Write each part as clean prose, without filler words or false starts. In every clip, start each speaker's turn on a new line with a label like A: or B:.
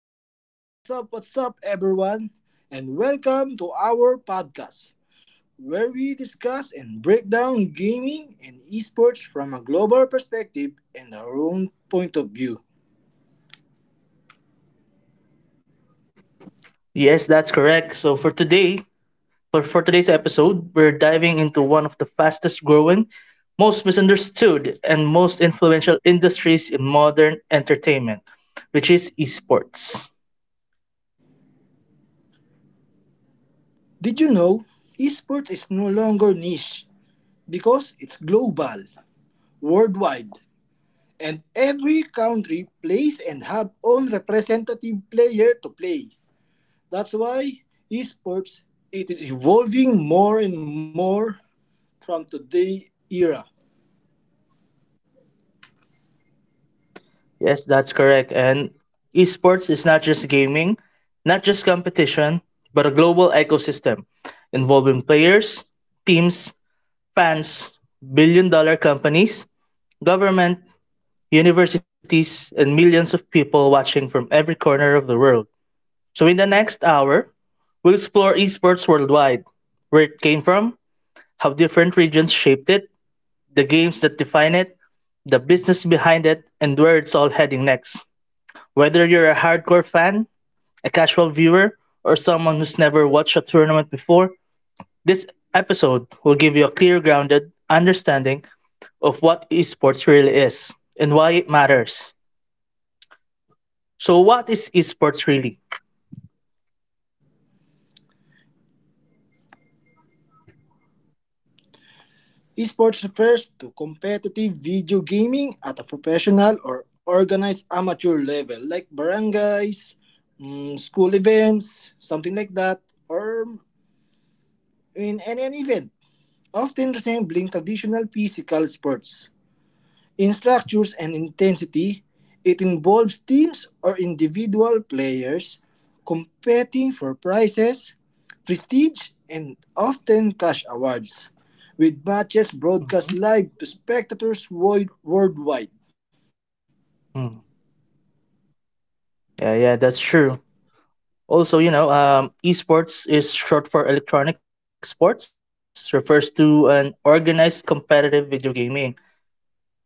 A: yo, yo! What's up, everyone? And welcome to our podcast, where we discuss and break down gaming and esports from a global perspective and our own point of view.
B: Yes, that's correct. So for today, for today's episode, we're diving into one of the fastest growing, most misunderstood, and most influential industries in modern entertainment, which is esports.
A: Did you know esports is no longer niche because it's global, worldwide, and every country plays and have own representative player to play. That's why esports it is evolving more and more from today era.
B: Yes, that's correct. And esports is not just gaming, not just competition, but a global ecosystem involving players, teams, fans, billion-dollar companies, government, universities, and millions of people watching from every corner of the world. So, in the next hour, we'll explore esports worldwide, where it came from, how different regions shaped it, the games that define it, the business behind it, and where it's all heading next. Whether you're a hardcore fan, a casual viewer, or someone who's never watched a tournament before, this episode will give you a clear, grounded understanding of what esports really is and why it matters. So what is esports really?
A: Esports refers to competitive video gaming at a professional or organized amateur level, like barangays, school events, something like that, or in any an event, often resembling traditional physical sports. In structures and intensity, it involves teams or individual players competing for prizes, prestige, and often cash awards, with matches broadcast live to
B: hmm
A: spectators worldwide.
B: Hmm. Yeah, yeah, that's true. Also, esports is short for electronic sports, refers to an organized competitive video gaming.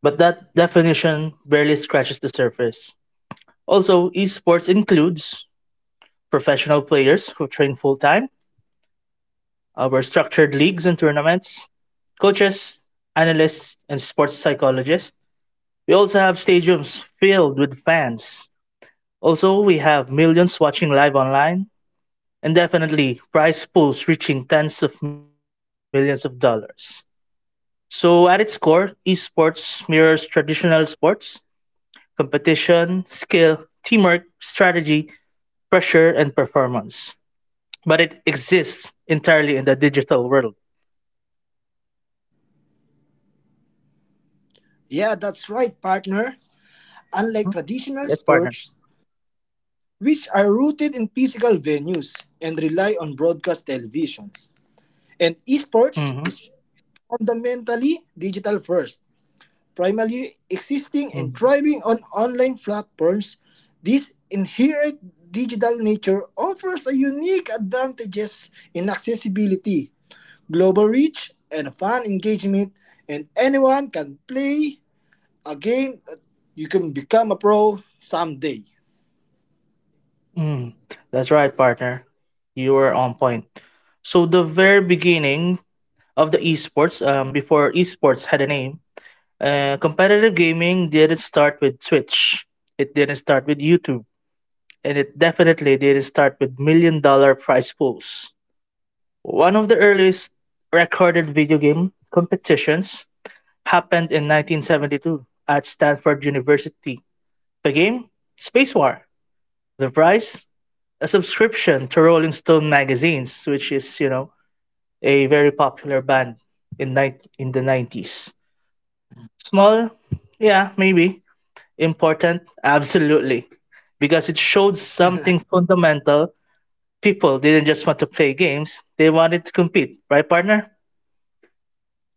B: But that definition barely scratches the surface. Also, esports includes professional players who train full time. Our structured leagues and tournaments, coaches, analysts, and sports psychologists. We also have stadiums filled with fans. Also, we have millions watching live online, and definitely prize pools reaching tens of millions of dollars. So, at its core, esports mirrors traditional sports competition, skill, teamwork, strategy, pressure, and performance. But it exists entirely in the digital world.
A: Yeah, that's right, partner. Unlike
B: Mhm.
A: traditional
B: Yes, partner.
A: sports, which are rooted in physical venues and rely on broadcast televisions, and esports
B: hmm
A: is fundamentally digital first, primarily existing and thriving on online platforms. This inherent digital nature offers a unique advantages in accessibility, global reach, and fan engagement, and anyone can play a game that you can become a pro someday.
B: Mm, that's right, partner. You were on point. So the very beginning of the esports, before esports had a name, competitive gaming didn't start with Twitch. It didn't start with YouTube, and it definitely didn't start with million-dollar prize pools. One of the earliest recorded video game competitions happened in 1972 at Stanford University. The game, Space War. The prize, a subscription to Rolling Stone magazines, which is, you know, a very popular band in the 90s. Small, yeah, maybe important, absolutely, because it showed something fundamental. People didn't just want to play games; they wanted to compete, right, partner?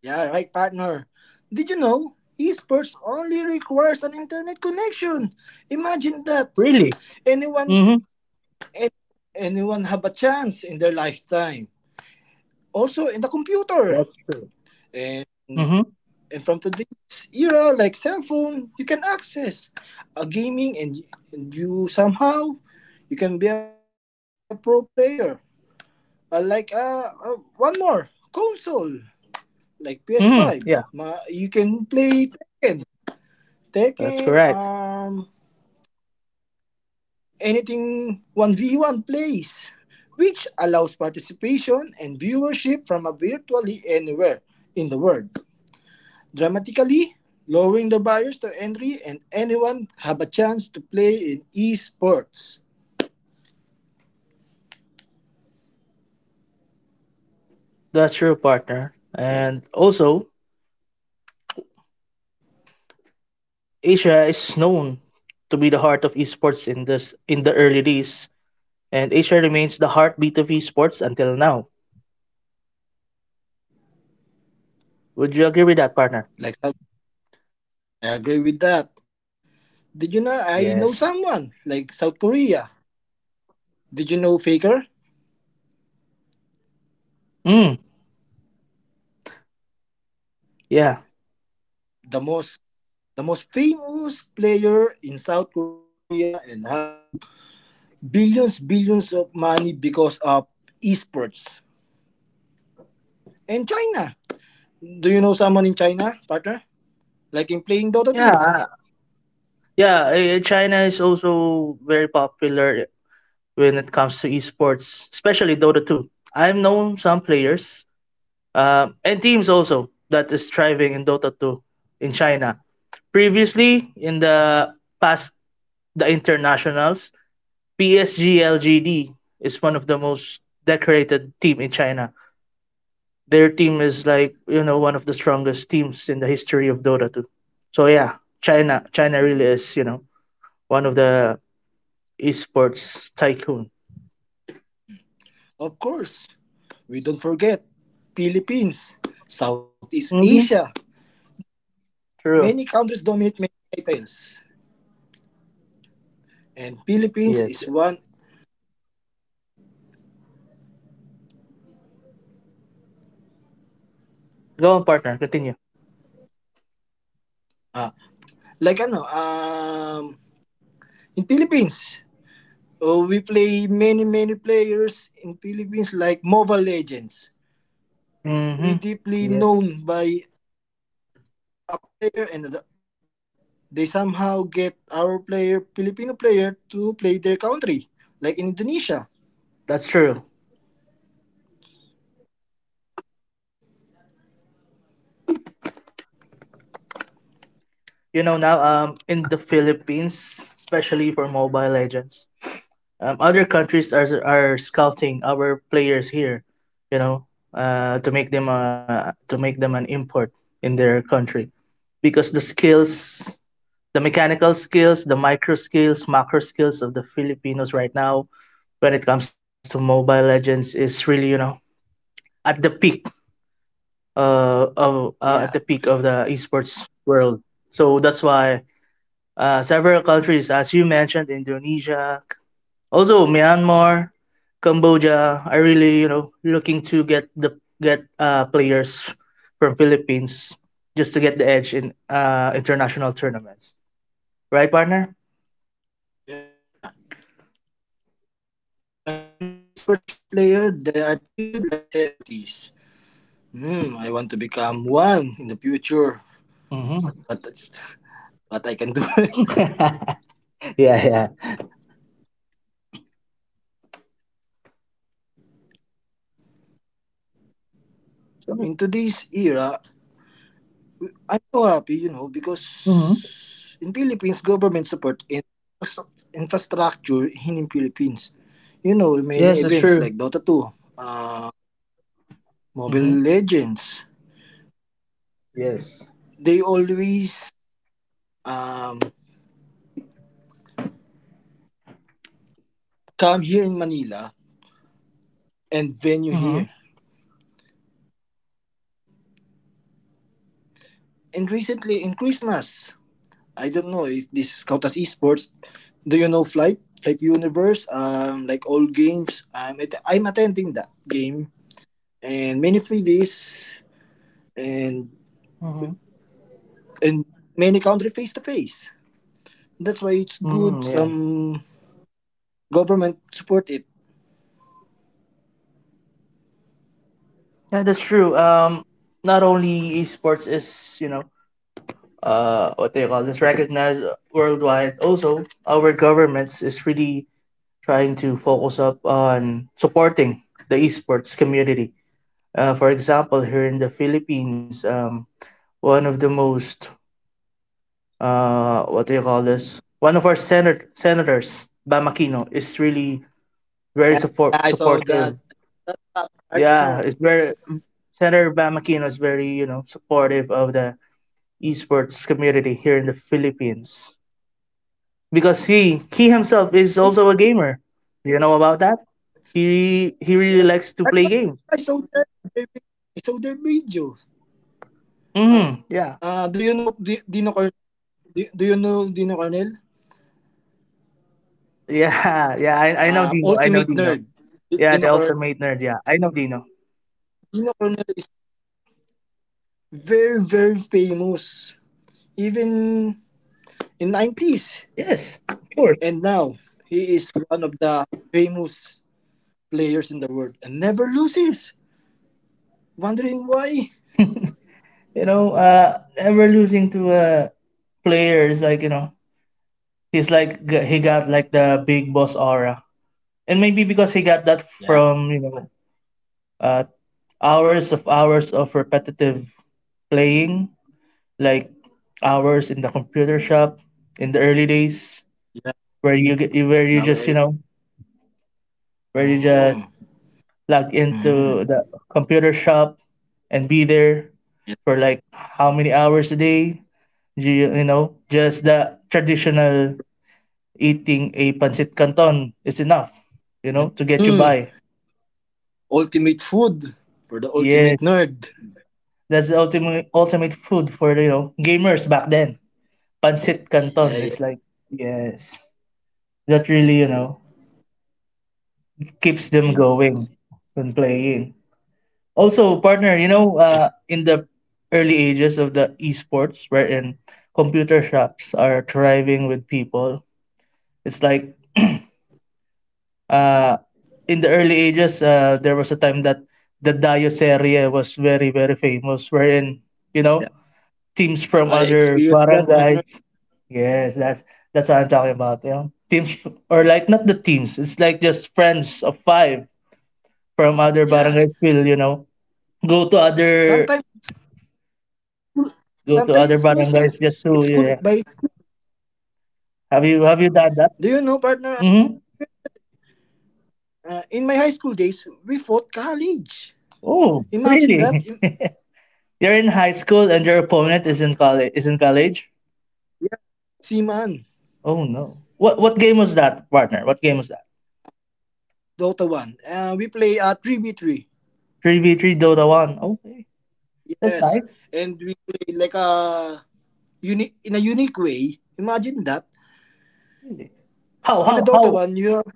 A: Yeah, right, partner. Did you know esports only requires an internet connection? Imagine that.
B: Really?
A: Anyone
B: Mm-hmm.
A: and anyone have a chance in their lifetime. Also in the computer.
B: That's true.
A: And
B: Mm-hmm.
A: and from today's era, like cell phone, you can access a gaming and you somehow you can be a pro player. One more console, like
B: Mm-hmm.
A: PS5.
B: Yeah,
A: Ma- you can play Tekken.
B: that's
A: Tekken.
B: correct.
A: Um, anything 1v1 plays, which allows participation and viewership from a virtually anywhere in the world, dramatically lowering the barriers to entry and anyone have a chance to play in esports.
B: That's true, partner. And also, Asia is known to be the heart of esports in the early days. And Asia remains the heartbeat of esports until now. Would you agree with that, partner?
A: Like South- I agree with that. Did you know I know
B: Yes.
A: someone like South Korea? Did you know Faker,
B: Mm, yeah.
A: the most the most famous player in South Korea and have billions of money because of esports. And China. Do you know someone in China, partner? Like in
B: Yeah.
A: playing Dota
B: uh,
A: 2.
B: Yeah. China is also very popular when it comes to esports, especially Dota 2. I've known some players and teams also that is thriving in Dota 2 in China. Previously, in the past, the internationals, PSGLGD is one of the most decorated team in China. Their team is like, you know, one of the strongest teams in the history of Dota 2. So yeah, China really is, you know, one of the esports tycoon.
A: Of course, we don't forget Philippines, Southeast Asia.
B: Mm-hmm.
A: Many
B: True.
A: countries dominate many titles. And
B: Yes,
A: Philippines
B: yes,
A: is one.
B: go on, partner. Continue.
A: ah, like ano, um in Philippines, oh, we play many players in Philippines like Mobile Legends. We deeply
B: Mm-hmm.
A: known
B: Yes,
A: by a player and they somehow get our player Filipino player to play their country, like in Indonesia.
B: that's true. You know, now in the Philippines, especially for Mobile Legends, other countries are scouting our players here, you know, to make them an import in their country, because the skills, the mechanical skills, the micro skills, macro skills of the Filipinos right now when it comes to Mobile Legends is really, you know, at the peak of at the peak
A: Yeah,
B: of the esports world. So that's why several countries, as you mentioned, Indonesia, also Myanmar, Cambodia, are really, you know, looking to get players from Philippines just to get the edge in international tournaments. Right, partner?
A: yeah, yeah. Like Pano esports player, they are treated like celebrities. Hmm, I want to become one in the future, but that's what I
B: Mm-hmm.
A: can do.
B: Yeah, yeah.
A: In today's era, I'm so happy, you know, because in
B: Mm-hmm.
A: Philippines, government support in infrastructure in Philippines. You know,
B: Yes, it's
A: many
B: true.
A: events like Dota 2,
B: Mm-hmm.
A: Mobile Legends.
B: Yes.
A: They always um, come here in Manila and venue
B: Mm-hmm.
A: here. And recently in Christmas, I don't know if this count as esports. Do you know Flight? Flight Universe? Like all games, I'm attending that game and many freebies and
B: Mm-hmm.
A: and many country face to face. That's why it's
B: Mm,
A: good.
B: yeah.
A: Some government support it.
B: Yeah, that's true. Not only esports is, you know, what they call this, recognized worldwide. Also, our governments is really trying to focus up on supporting the esports community. For example, here in the Philippines, one of the most what do you call this? One of our senators, Bam Aquino, is really very
A: Yeah, I saw
B: supportive.
A: that. That's a
B: Yeah, it's
A: partner.
B: very. Senator Bam Aquino is very, you know, supportive of the esports community here in the Philippines because he himself is also a gamer. Do you know about that? He really likes
A: Yep.
B: to play games.
A: I saw their vi- I saw their videos. Do
B: Mm,
A: you know
B: yeah,
A: Dino Cornel? Do you know Dino Cornel?
B: yeah, yeah.
A: Ultimate
B: I
A: nerd.
B: know Dino. I know
A: Dino
B: Dino.
A: Cornel.
B: Yeah, the ultimate nerd. Yeah, I know Dino.
A: Dino Cornel is very famous even in '90s and
B: Yes, of
A: now
B: course.
A: he is one of the famous players in the world and never loses. Wondering why?
B: You know, ever losing to players. Like, you know, he's like he got like the big boss aura, and maybe because he got that
A: Yeah,
B: from, you know, uh, hours of repetitive playing, like hours in the computer shop in the early days,
A: yeah.
B: where you get
A: In our
B: where you
A: area.
B: just you know where you
A: Mm,
B: just log
A: mm,
B: into the computer shop and be there for like how many hours a day. You know, just the traditional eating a pancit canton is enough,
A: yeah.
B: you know, to get you
A: Mm,
B: by.
A: ultimate food for the ultimate
B: Yes,
A: nerd.
B: that's the ultimate food for, you know, gamers back then. Pancit
A: Yeah,
B: canton
A: yeah.
B: is like, yes, that really, you know, keeps
A: And,
B: them going when playing. Also, partner, you
A: and
B: know, in the early ages of the esports, wherein computer shops are thriving with people, it's like uh, in the early ages, there was a time that the Dioceria was very, very famous, wherein, you
A: yeah,
B: know, teams from
A: I
B: other
A: experienced that partner.
B: barangay. Yes, that's what I'm talking about. You know, teams or like not the teams. It's like just friends of five from other
A: Yeah,
B: barangays will, you know, go to other
A: sometimes school,
B: go to
A: school,
B: other
A: it's cool
B: barangays
A: it
B: just
A: by
B: to,
A: school.
B: yeah. Have you
A: Do
B: have
A: you
B: you
A: know,
B: done that?
A: partner?
B: Mm-hmm.
A: In my high school days, we fought college. Imagine
B: Oh,
A: that. Im-
B: really? You're in high school and your opponent is in college is in college.
A: Yeah, Seaman,
B: Oh no. What game was that, partner? What game was that?
A: Dota One. We play a three v three.
B: 3v3 Dota 1. Okay. That's
A: Yes,
B: nice.
A: and we play like a unique in a unique way. Imagine that
B: Really. How
A: in a
B: how
A: Dota
B: how?
A: One, you have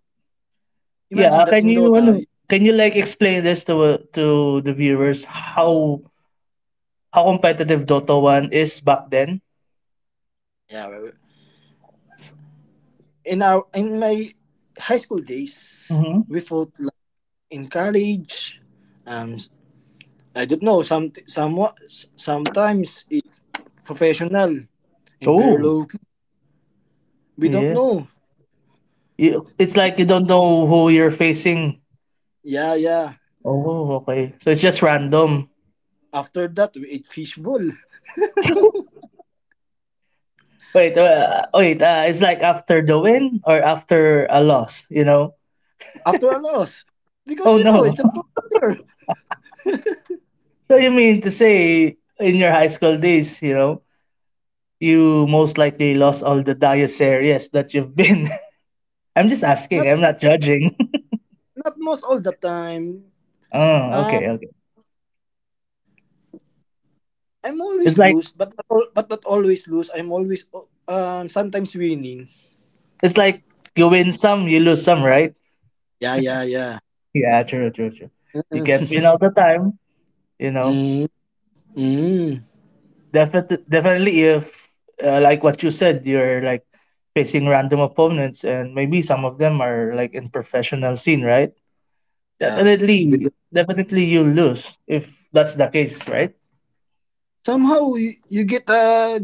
B: Yeah,
A: imagine that
B: can
A: in
B: you
A: Dota.
B: ano, can you like explain this to the viewers how competitive Dota 1 is back then?
A: Yeah, in my high school days,
B: Mm-hmm.
A: we fought like in college. Um, I don't know. Somewhat sometimes it's professional and very
B: Oh,
A: low key. We don't
B: yeah.
A: know.
B: You, it's like you don't know who you're facing.
A: Yeah, yeah.
B: Oh, okay. So it's just random.
A: After that, we ate fishbowl
B: Wait. It's like after the win or after a loss, you know?
A: after a loss because you
B: Oh
A: know it's
B: no.
A: a player.
B: So you mean to say in your high school days, you know, you most likely lost all the diocese areas that you've been. I'm just asking.
A: Not
B: I'm
A: mo-
B: not judging.
A: not most all the time.
B: Oh,
A: Uh,
B: okay, okay.
A: I'm
B: It's
A: always
B: like
A: lose, but not all, but not always lose. I'm always sometimes winning.
B: it's like You win some, you lose some, right?
A: Yeah, yeah, yeah.
B: Yeah, true, true, true. You can't win all the time, you know.
A: Mm, mm,
B: Definitely, definitely, if like what you said, you're like facing random opponents, and maybe some of them are like in professional scene, right?
A: yeah. With-
B: Definitely, definitely you lose if that's the case, right?
A: somehow you get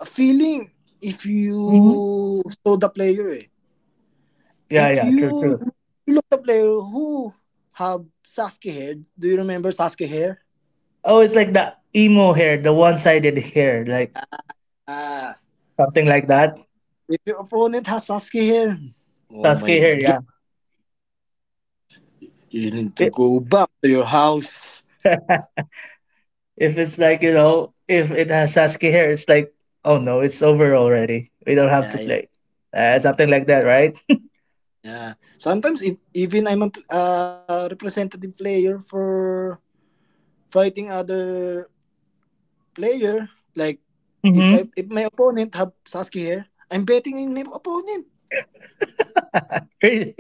A: a feeling if
B: hmm
A: you saw the player, eh.
B: Yeah,
A: If
B: yeah, true, true.
A: you look the player who have Sasuke hair, do you remember Sasuke hair?
B: Oh, it's like the emo hair, the one-sided hair, like
A: Ah,
B: something like that.
A: if your opponent has Sasuke hair, oh my
B: Sasuke hair,
A: god,
B: yeah.
A: you need to
B: It,
A: go back to your house.
B: if it's like, you know, if it has Sasuke hair, it's like, oh no, it's over already. We don't have
A: Yeah,
B: to
A: yeah,
B: play. Something like that, right?
A: yeah. Sometimes if, even I'm a representative player for fighting other player, like
B: Mm-hmm.
A: if my opponent have Sasuke here, I'm betting in my opponent.
B: Really?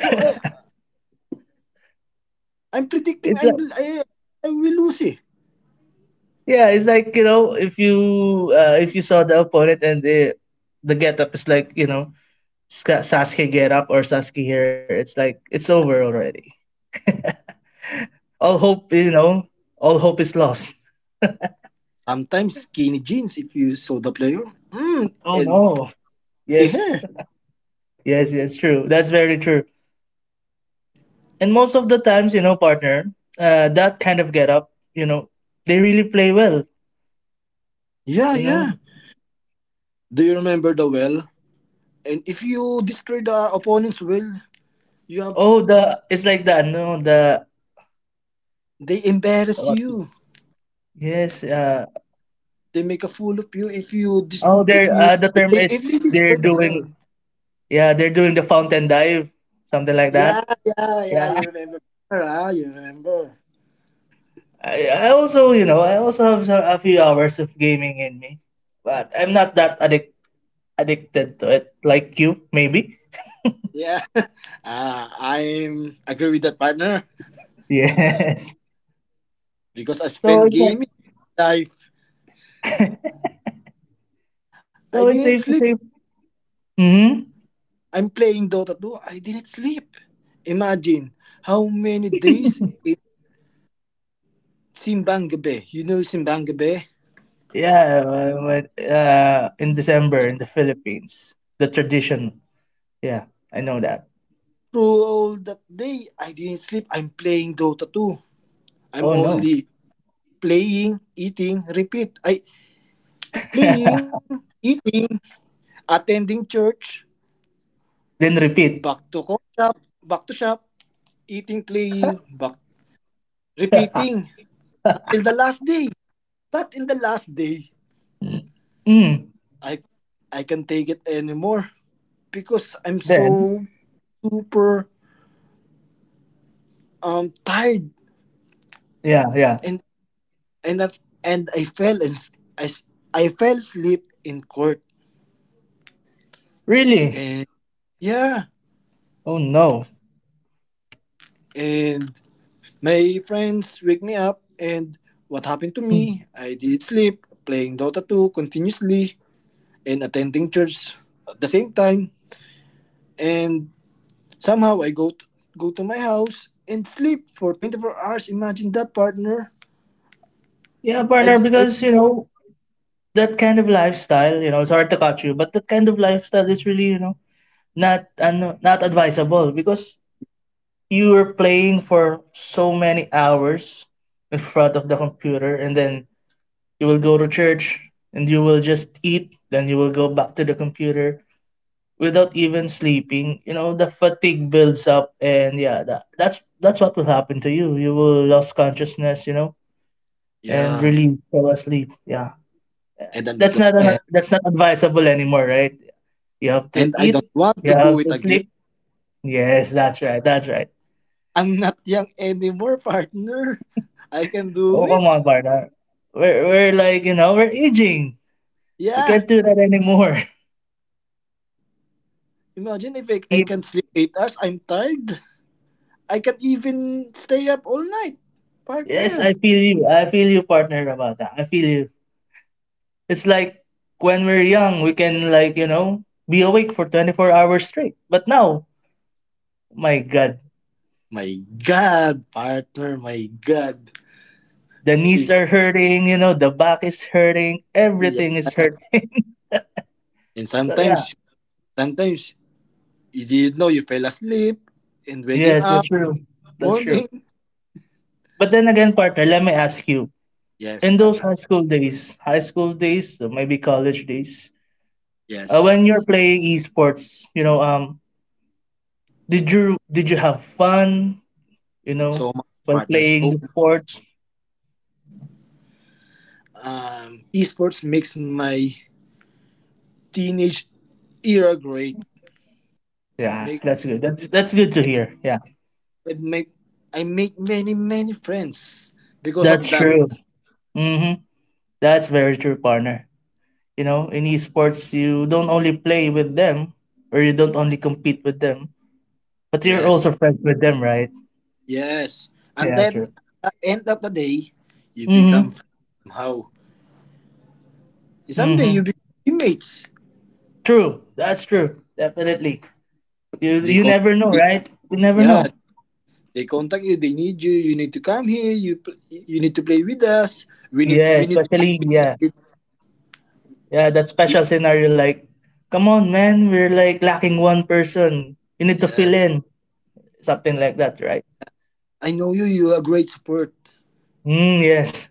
A: So I'm predicting
B: It's like,
A: I will lose, eh.
B: yeah, it's like, you know, if you saw the opponent and the getup is like, you know, Sasuke get up or Sasuke here, it's like it's over already. All hope, you know, all hope is lost.
A: Sometimes skinny jeans if you saw the player. Mm,
B: Oh
A: and
B: no.
A: skinny
B: Yes.
A: hair.
B: Yes, yes, true. That's very true. And most of the times, you know, partner, that kind of get up, you know, they really play well,
A: Yeah,
B: you know.
A: yeah. Do you remember the well? And if you destroy the opponent's well, you have
B: Oh, the it's like that, no, the
A: they embarrass
B: What?
A: you.
B: Yes,
A: They make a fool of you if you
B: oh, they're the
A: if
B: term
A: if they
B: is they're
A: destroy the well.
B: doing, yeah, they're doing the fountain dive, something like
A: Yeah,
B: that.
A: yeah, yeah.
B: Yeah.
A: You remember? Ah, you remember?
B: I also, you know, I also have some, a few hours of gaming in me, but I'm not that addicted to it like you, maybe.
A: Yeah. Ah, I'm agree with that partner
B: Yes.
A: because I
B: So
A: spent
B: it's like,
A: gaming life. I
B: so it's
A: didn't
B: safe to
A: sleep.
B: say. Mm-hmm.
A: I'm playing Dota 2. I didn't sleep. Imagine how many days in Simbang Gabi. You know Simbang Gabi?
B: Yeah, but, in December in the Philippines, the tradition. Yeah, I know that.
A: Through all that day, I didn't sleep. I'm playing Dota 2. I'm
B: Oh no.
A: only playing, eating, repeat. I playing, eating, attending church,
B: Then repeat.
A: shop, back to shop, eating, playing, back repeating. Until the last day. But in the last day,
B: Mm.
A: I I can take it anymore because I'm
B: Then,
A: so super tired
B: yeah, yeah.
A: and and I, and I fell and I fell asleep in court
B: Really?
A: and yeah
B: Oh no.
A: and my friends wake me up and what happened to
B: Mm.
A: me I did sleep playing Dota 2 continuously and attending church at the same time and. Somehow I go to my house and sleep for 24 hours. Imagine that, partner.
B: Yeah,
A: I
B: partner,
A: did.
B: because you know, that kind of lifestyle, you know, it's hard to catch you, but that kind of lifestyle is really, you know, not ano, not advisable because you are playing for so many hours in front of the computer and then you will go to church and you will just eat, then you will go back to the computer without even sleeping. You know, the fatigue builds up and yeah, that's what will happen to you. You will lose consciousness, you know, and
A: Yeah,
B: really fall asleep. Yeah,
A: and then
B: that's not an, that's not advisable anymore, right? You have to
A: and I don't
B: eat.
A: want
B: You
A: to do
B: have
A: it
B: to
A: again.
B: sleep. Yes, that's right. That's right.
A: I'm not young anymore, partner. I can do
B: Oh, come
A: it.
B: on, partner. We're like, you know, we're aging. We
A: Yeah,
B: can't do that anymore.
A: imagine if I can
B: Keep-
A: sleep 8 hours. I'm tired. I can even stay up all night,
B: Yes,
A: partner.
B: I feel you. I feel you, partner, about that. I feel you. It's like when we're young, we can, be awake for 24 hours straight. But now, my God,
A: My God, partner. My God.
B: the
A: You
B: knees
A: can-
B: are hurting, you know, the back is hurting,
A: Yeah,
B: everything is hurting.
A: and
B: So, yeah.
A: sometimes you didn't know you fell asleep in waking
B: Yes,
A: up
B: that's true. That's true.
A: morning.
B: But then again, partner, let me ask you in
A: Yes,
B: those
A: partner.
B: high school days, or maybe college days, when you're
A: Yes,
B: playing esports, did you have fun, you know,
A: so much
B: while
A: partner.
B: playing
A: So
B: the sport?
A: esports makes my teenage era great.
B: Yeah,
A: Make
B: that's good. That's good to hear. Yeah,
A: it make I make many friends because of
B: that's
A: that.
B: true. Mm-hmm. That's very true, partner. You know, in esports, you don't only play with them, or you don't only compete with them, but you're
A: Yes,
B: also friends with them, right?
A: yes. And
B: Yeah,
A: then
B: true.
A: at the end of the day, you become
B: Mm-hmm.
A: friends somehow. Someday
B: Mm-hmm.
A: you become teammates.
B: True. That's true. Definitely. You
A: They
B: you
A: contact.
B: never know, right? We never
A: Yeah,
B: know.
A: they contact you. They need you. You need to come here. You need to play with us.
B: Yeah,
A: We need.
B: yeah, that special scenario like, come on, man, we're like lacking one person. You need to
A: Yes,
B: fill in something like that, right?
A: I know you. You are great support.
B: Mm, yes,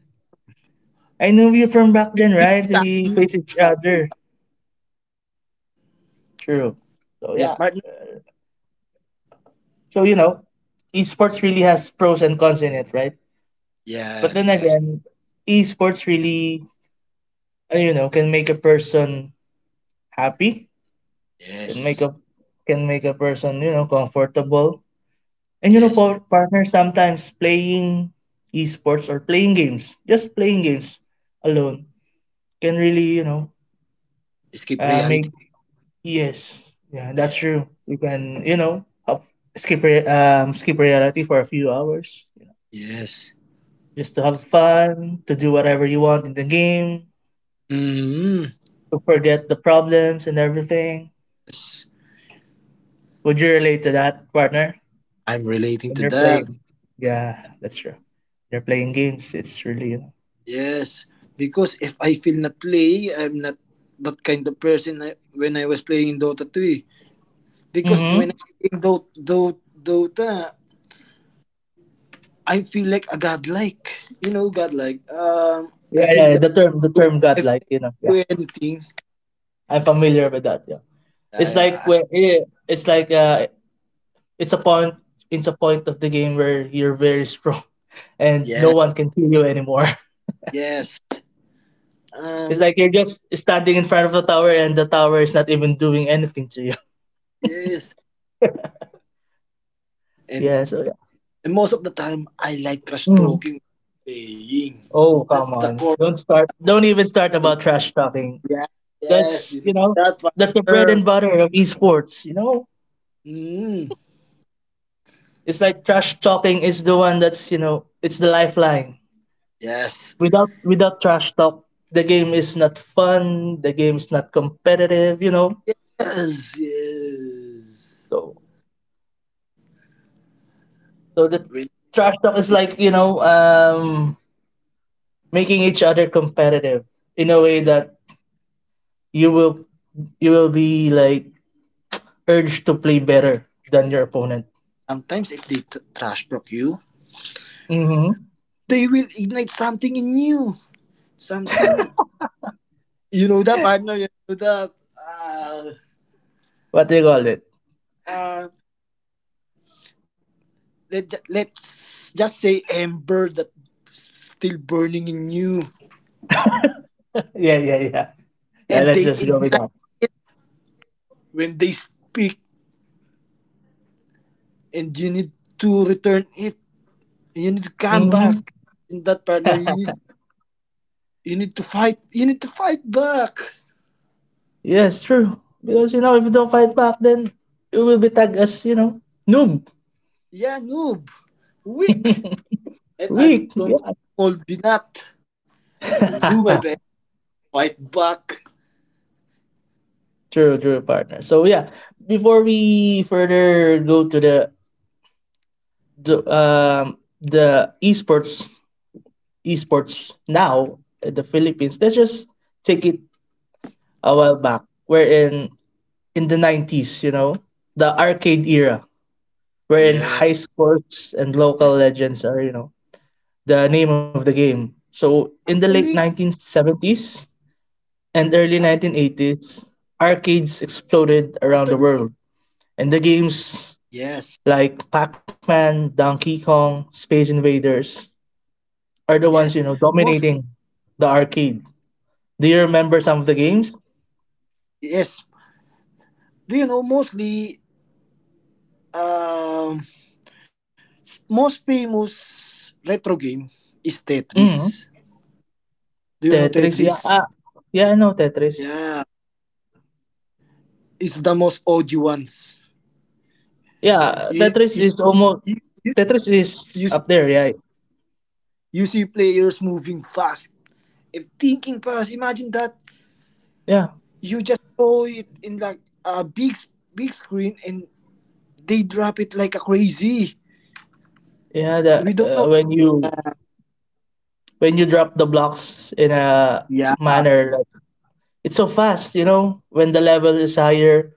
B: I knew you from back then,
A: We
B: right?
A: got you.
B: We face
A: We
B: each
A: got you.
B: other. True. So yeah.
A: Yes, partner.
B: So you know, esports really has pros and cons in it, right? But
A: Yes,
B: then
A: yes,
B: again, esports really, you know, can make a person happy, can make
A: yes,
B: a can make a person, you know, comfortable. And you know,
A: yes.
B: partner, sometimes playing esports or playing games, just playing games alone can really, you know,
A: Escape
B: make
A: reality.
B: yes, yeah, that's
A: Yeah.
B: true. You can, you know, have, skip reality for a few hours, you know,
A: Yes.
B: just to have fun, to do whatever you want in the game,
A: Mm,
B: to forget the problems and everything.
A: yes.
B: Would you relate to that, partner?
A: I'm relating
B: When
A: to
B: you're
A: that.
B: playing, yeah, that's true. You're playing games. It's really, you know.
A: Yes, because if I feel not play, I'm not that kind of person when I was playing Dota 2, eh. Because
B: Mm-hmm.
A: when I playing Dota, I feel like a godlike. You know, godlike. I
B: Yeah,
A: feel
B: yeah,
A: like
B: the
A: do-
B: term God,
A: if I
B: like, you know,
A: feel
B: yeah,
A: like do anything.
B: I'm familiar with that. Yeah,
A: Yeah, yeah,
B: it's like it's a point, it's a point of the game where you're very strong, and
A: yeah,
B: no one can kill you anymore.
A: yes.
B: It's
A: Um,
B: like you're just standing in front of the tower, and the tower is not even doing anything to you.
A: yes. And,
B: Yeah, so yeah.
A: and most of the time, I like trash
B: Mhm.
A: talking, playing.
B: Oh
A: That's the
B: come
A: core.
B: on! Don't start. Don't even
A: And
B: start about trash talking.
A: yeah, yes. You
B: That's
A: know
B: you know
A: that one.
B: that's the bread
A: Sure.
B: and butter of esports. You know,
A: Mm,
B: it's like trash talking is the one that's you know it's the lifeline
A: yes,
B: without trash talk the game is not fun the game is not competitive you know
A: yes, yes.
B: so so the
A: When,
B: trash talk is like making each other competitive in a way
A: yeah.
B: that you will you will be like urged to play better than your opponent.
A: Sometimes if they trash talk you,
B: Mm-hmm.
A: they will ignite something in you. Something Yehuda partner Yehuda. Uh,
B: What do you call it?
A: uh, let's just say ember that still burning in you,
B: yeah yeah yeah yeah,
A: and
B: let's
A: they
B: just go with
A: ignite
B: that.
A: when they speak, and you need to return it. You need to come back.
B: Mm-hmm.
A: In that partner, you need to fight. You need to fight back.
B: Yes, true, because you know if you don't fight back then you will be tagged as, you know, noob.
A: Yeah, noob, weak, and I
B: Weak,
A: don't
B: yeah.
A: call Binat. I will do my best. Fight back.
B: True, true, partner. So yeah, before we further go to the the esports now in the Philippines, let's just take it a while back. We're in the 90s, you know, the arcade era, wherein high
A: Yeah.
B: scores and local legends are, you know, the name of the game. So in the late nineteen
A: Actually,
B: seventies and early nineteen
A: ac-
B: eighties, arcades
A: actually,
B: exploded around the world and the
A: yes.
B: games like Pac-Man, Donkey Kong, Space Invaders are the
A: Yes,
B: ones, you know,
A: mostly.
B: dominating the arcade. Do you remember some of the games?
A: Yes. Do you know mostly? Um, most famous retro game is Tetris.
B: Mm.
A: Do you know
B: Tetris,
A: Tetris?
B: yeah. Ah, yeah, I know Tetris.
A: Yeah, it's the most OG ones.
B: Yeah,
A: You you
B: Tetris is almost
A: you,
B: Tetris is
A: you, see,
B: up there, yeah.
A: you see players moving fast and thinking fast. Imagine that
B: Yeah.
A: you just saw it in like a big screen and they drop it like a crazy.
B: Yeah, the
A: We don't know.
B: when you drop the blocks in a
A: Yeah.
B: manner like it's so fast, you know, when the level is higher,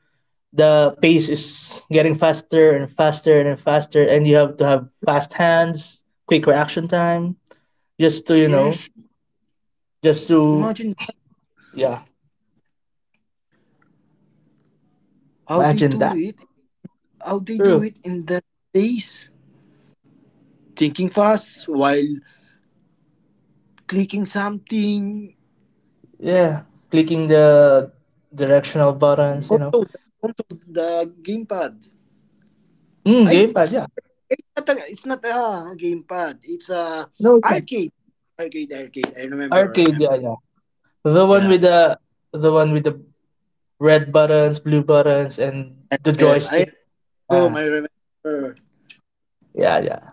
B: the pace is getting faster and faster and faster, and you have to have fast hands, quick reaction time, just to you
A: Yes.
B: know just to
A: Imagine
B: yeah,
A: how
B: imagine
A: they
B: that,
A: do it.
B: true,
A: In the days thinking fast while clicking something
B: yeah, clicking the directional buttons, you know.
A: also the gamepad
B: Mm,
A: I
B: gamepad,
A: it's not
B: yeah.
A: it's not a gamepad, it's a
B: No, it's not
A: arcade. Arcade, I remember, I
B: arcade,
A: remember.
B: yeah, yeah, the one
A: Yeah,
B: with the one with the red buttons, blue buttons, and the
A: yes, I am
B: joystick. Ah
A: home, I remember.
B: yeah, yeah,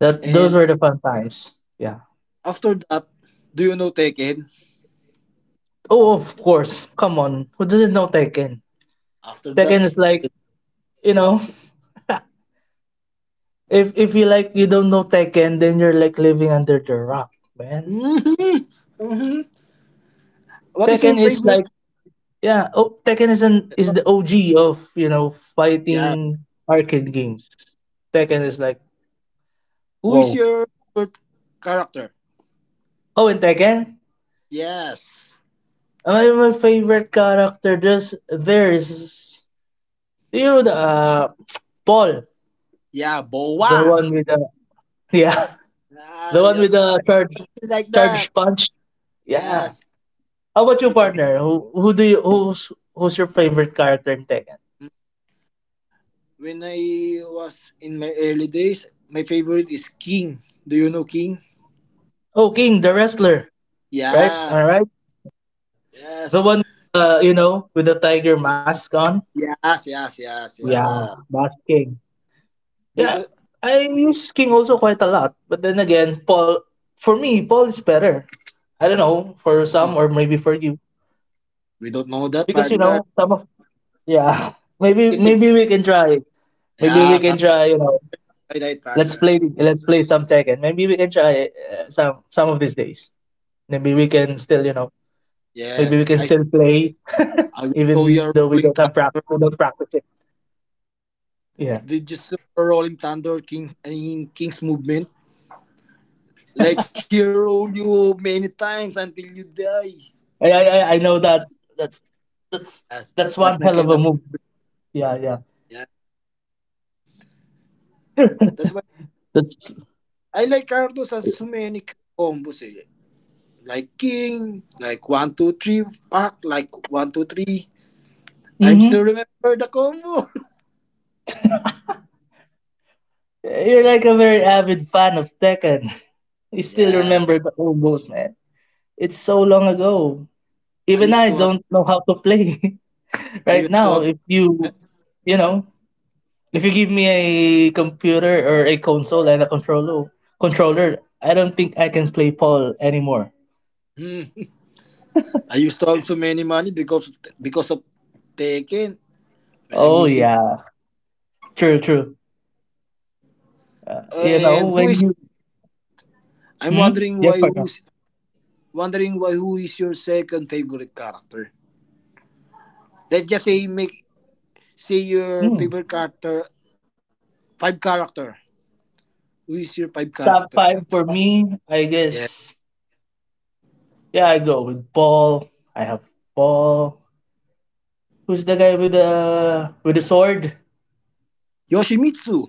B: that those
A: And
B: were the fun times, yeah.
A: after that, do you know Tekken?
B: Oh, of course. Come on. Who doesn't know Tekken?
A: After
B: Tekken is
A: that
B: like, you know, if you don't know Tekken, then you're like living under the rock, man.
A: mm-hmm, mm-hmm. What is
B: Tekken
A: your
B: is like,
A: favorite?
B: yeah, oh, Tekken is an is the OG of, you know,
A: Yeah,
B: fighting arcade games. Tekken is like,
A: who is
B: whoa.
A: your favorite character?
B: Oh, and Tekken?
A: Yes.
B: My favorite character just there is you know the Paul,
A: Yeah,
B: the
A: boa.
B: one with the yeah,
A: Ah,
B: the
A: you
B: one
A: have
B: with
A: skin
B: the
A: like, you have skin like that.
B: charge punch. Yeah,
A: Yes.
B: how about you,
A: It-
B: partner? Who's your favorite character in Tekken?
A: when I was in my early days, my favorite is King. Do you know King?
B: Oh, King, the wrestler, right?
A: Yeah.
B: All right, the
A: Yes.
B: one you know with the tiger mask on.
A: Yes, yes, yes,
B: Yeah,
A: yeah.
B: that's King. Yeah,
A: Because
B: I use King also quite a lot, but then again, Paul. For me, Paul is better. I don't know for
A: Hmm,
B: some or maybe for you,
A: we don't know that,
B: because you
A: partner.
B: know some of, yeah. maybe
A: It depends.
B: maybe we can try. Maybe
A: Yeah,
B: we
A: something
B: can try, you know,
A: like that, partner.
B: let's play some Tekken. Maybe we can try some of these days. Maybe we can still, you know, maybe
A: Yes.
B: we can still play.
A: I will
B: Even
A: show
B: though
A: you
B: we
A: a
B: don't have
A: rolling
B: practice, we
A: thunder.
B: don't practice it. Yeah,
A: Did you see a rolling thunder King in King's movement? Like he roll you many times until you die.
B: I know that that's that's
A: Yes, that's
B: that's
A: my
B: one
A: kind
B: hell
A: of,
B: of a move. Yeah, yeah.
A: yeah. That's why
B: That's
A: I like Ardos as so many combos, eh. Like King, like one two three pack, like one two three. I'm
B: mm-hmm.
A: still remember the combo.
B: You're like a very avid fan of Tekken. You still remember
A: Yes,
B: the old goals, man. It's so long ago.
A: I
B: Even
A: used
B: I
A: to have.
B: don't know how to play
A: I
B: right
A: used to
B: now.
A: have.
B: If you, you know, if you give me a computer or a console and a controller, I don't think I can play Paul anymore.
A: Hmm, I used to have so many money because of Tekken when I'm
B: Oh
A: using.
B: yeah, true, true. You know
A: And who
B: when
A: is?
B: you
A: I'm
B: hmm,
A: wondering
B: yes
A: why
B: partner.
A: who's, wondering why who is your second favorite character? Let's just say make say your
B: Hmm.
A: favorite character five character. Who is your pipe character?
B: Top five
A: F-
B: for me, I
A: Yeah.
B: guess. Yeah, I go with Paul. I have Paul. Who's the guy with the sword?
A: Yoshimitsu.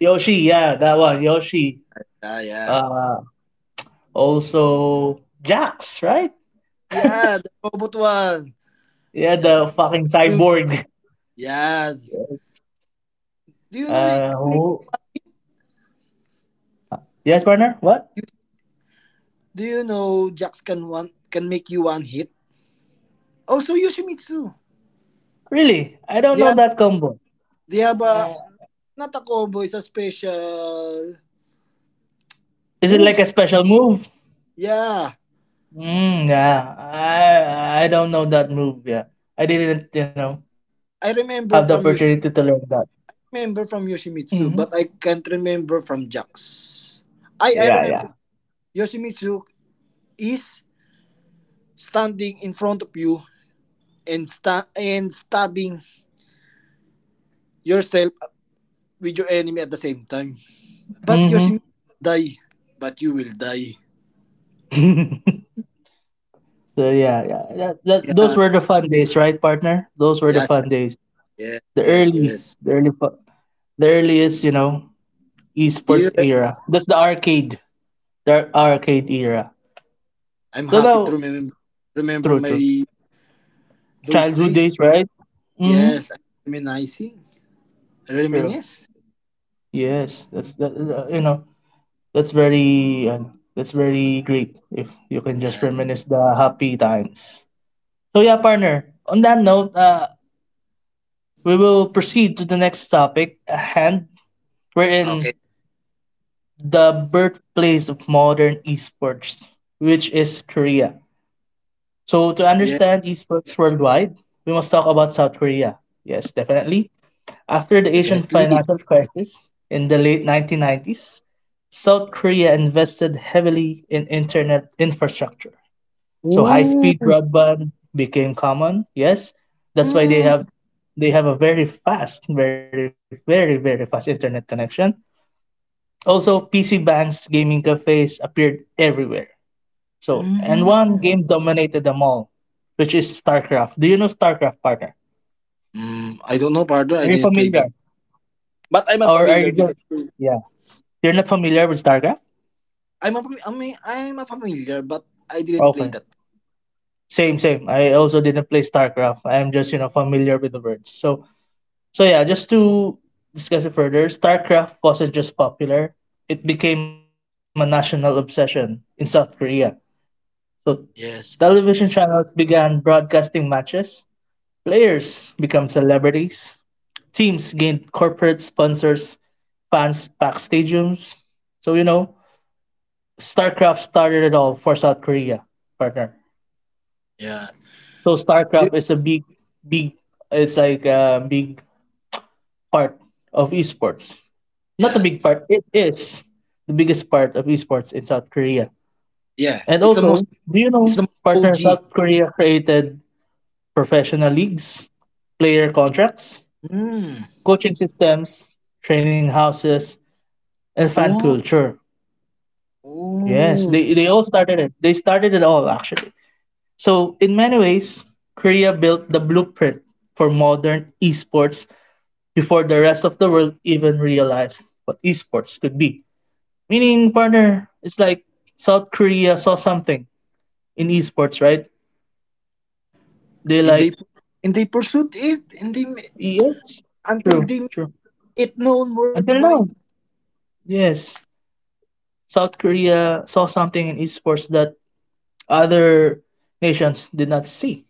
B: Yoshi. Yeah, that one. Yoshi.
A: Yeah, yeah.
B: Uh, also Jax, right?
A: Yeah, the robot one.
B: Yeah,
A: Yeah.
B: the fucking
A: True.
B: cyborg.
A: Yes. Do you know it
B: Uh,
A: can make
B: who, Yes,
A: you,
B: partner? What?
A: you do you know Jax can one can make you one hit? Also Yoshimitsu.
B: Really? I don't
A: They
B: know
A: have
B: that combo.
A: they have a
B: Uh,
A: not a combo, it's a special
B: is it like a
A: moves.
B: special move?
A: Yeah.
B: Mm, yeah, I don't know that move. Yeah, I didn't, you know,
A: I
B: have the
A: remember
B: opportunity
A: from
B: to
A: you
B: learn that.
A: remember from
B: Mm-hmm.
A: Yoshimitsu, but I can't remember from Jax. I
B: Yeah,
A: remember
B: yeah.
A: Yoshimitsu is standing in front of you and stabbing yourself with your enemy at the same time. But you will
B: Mm-hmm.
A: die, die.
B: So yeah, yeah. Those
A: Yeah,
B: were the fun days, right, partner? Those were the
A: yes,
B: fun days.
A: yes,
B: The
A: yes,
B: early,
A: yes.
B: the early, fu- the earliest, you know, esports
A: Here,
B: era. That's the arcade era.
A: I'm happy
B: So
A: to
B: now,
A: remember
B: true, true,
A: my those
B: childhood
A: days.
B: days, right? Mm-hmm.
A: Yes, I'm reminiscing,
B: True.
A: reminisce.
B: Yes, that's that. You know, that's very uh, that's very great if you can just
A: Yes.
B: reminisce the happy times. So yeah, partner. On that note, we will proceed to the next topic at hand. We're
A: Okay.
B: in the birthplace of modern esports, which is Korea. So to
A: Yeah,
B: understand esports worldwide, we must talk about South Korea. Yes, definitely. After the Asian
A: definitely.
B: financial crisis in the late 1990s, South Korea invested heavily in internet infrastructure. So
A: Ooh.
B: high-speed broadband became common. Yes, that's why
A: Mm.
B: they have a very fast, very fast internet connection. Also, PC banks, gaming cafes appeared everywhere. So, and
A: Mm.
B: one game dominated them all, which is StarCraft. Do you know StarCraft, partner?
A: Mm. I don't know, partner. I
B: Are you
A: didn't play
B: familiar,
A: that, but I'm
B: or are you
A: familiar with
B: just
A: that.
B: yeah? You're not familiar with StarCraft?
A: I'm a familiar, but I didn't play
B: Okay.
A: that.
B: Same, same. I also didn't play StarCraft. I'm just, you know, familiar with the words. So, so yeah, just to discuss it further, StarCraft wasn't just popular. It became a national obsession in South Korea. So,
A: Yes.
B: television channels began broadcasting matches. Players became celebrities. Teams gained corporate sponsors. Fans packed stadiums. So, you know, StarCraft started it all for South Korea, partner.
A: Yeah.
B: So
A: Do
B: StarCraft is a big, it's like a big part of esports. Not a
A: yes.
B: big part, it is the biggest part of esports in South Korea.
A: Yeah.
B: And
A: It's the most.
B: also, do you
A: It's the most
B: know, partner,
A: OG.
B: South Korea created professional leagues, player contracts,
A: Hmm.
B: coaching systems, training houses, and fan
A: Wow.
B: culture. Yes, they
A: Oh.
B: all started it. They started it all, actually. So, in many ways, Korea built the blueprint for modern esports before the rest of the world even realized what esports could be. Meaning, partner, it's like South Korea saw something in esports, right? They
A: And they
B: like,
A: and they pursued it and they
B: yes,
A: until
B: true,
A: they made
B: true.
A: it known
B: Until
A: worldwide.
B: now, yes, South Korea saw something in esports that other nations did not see.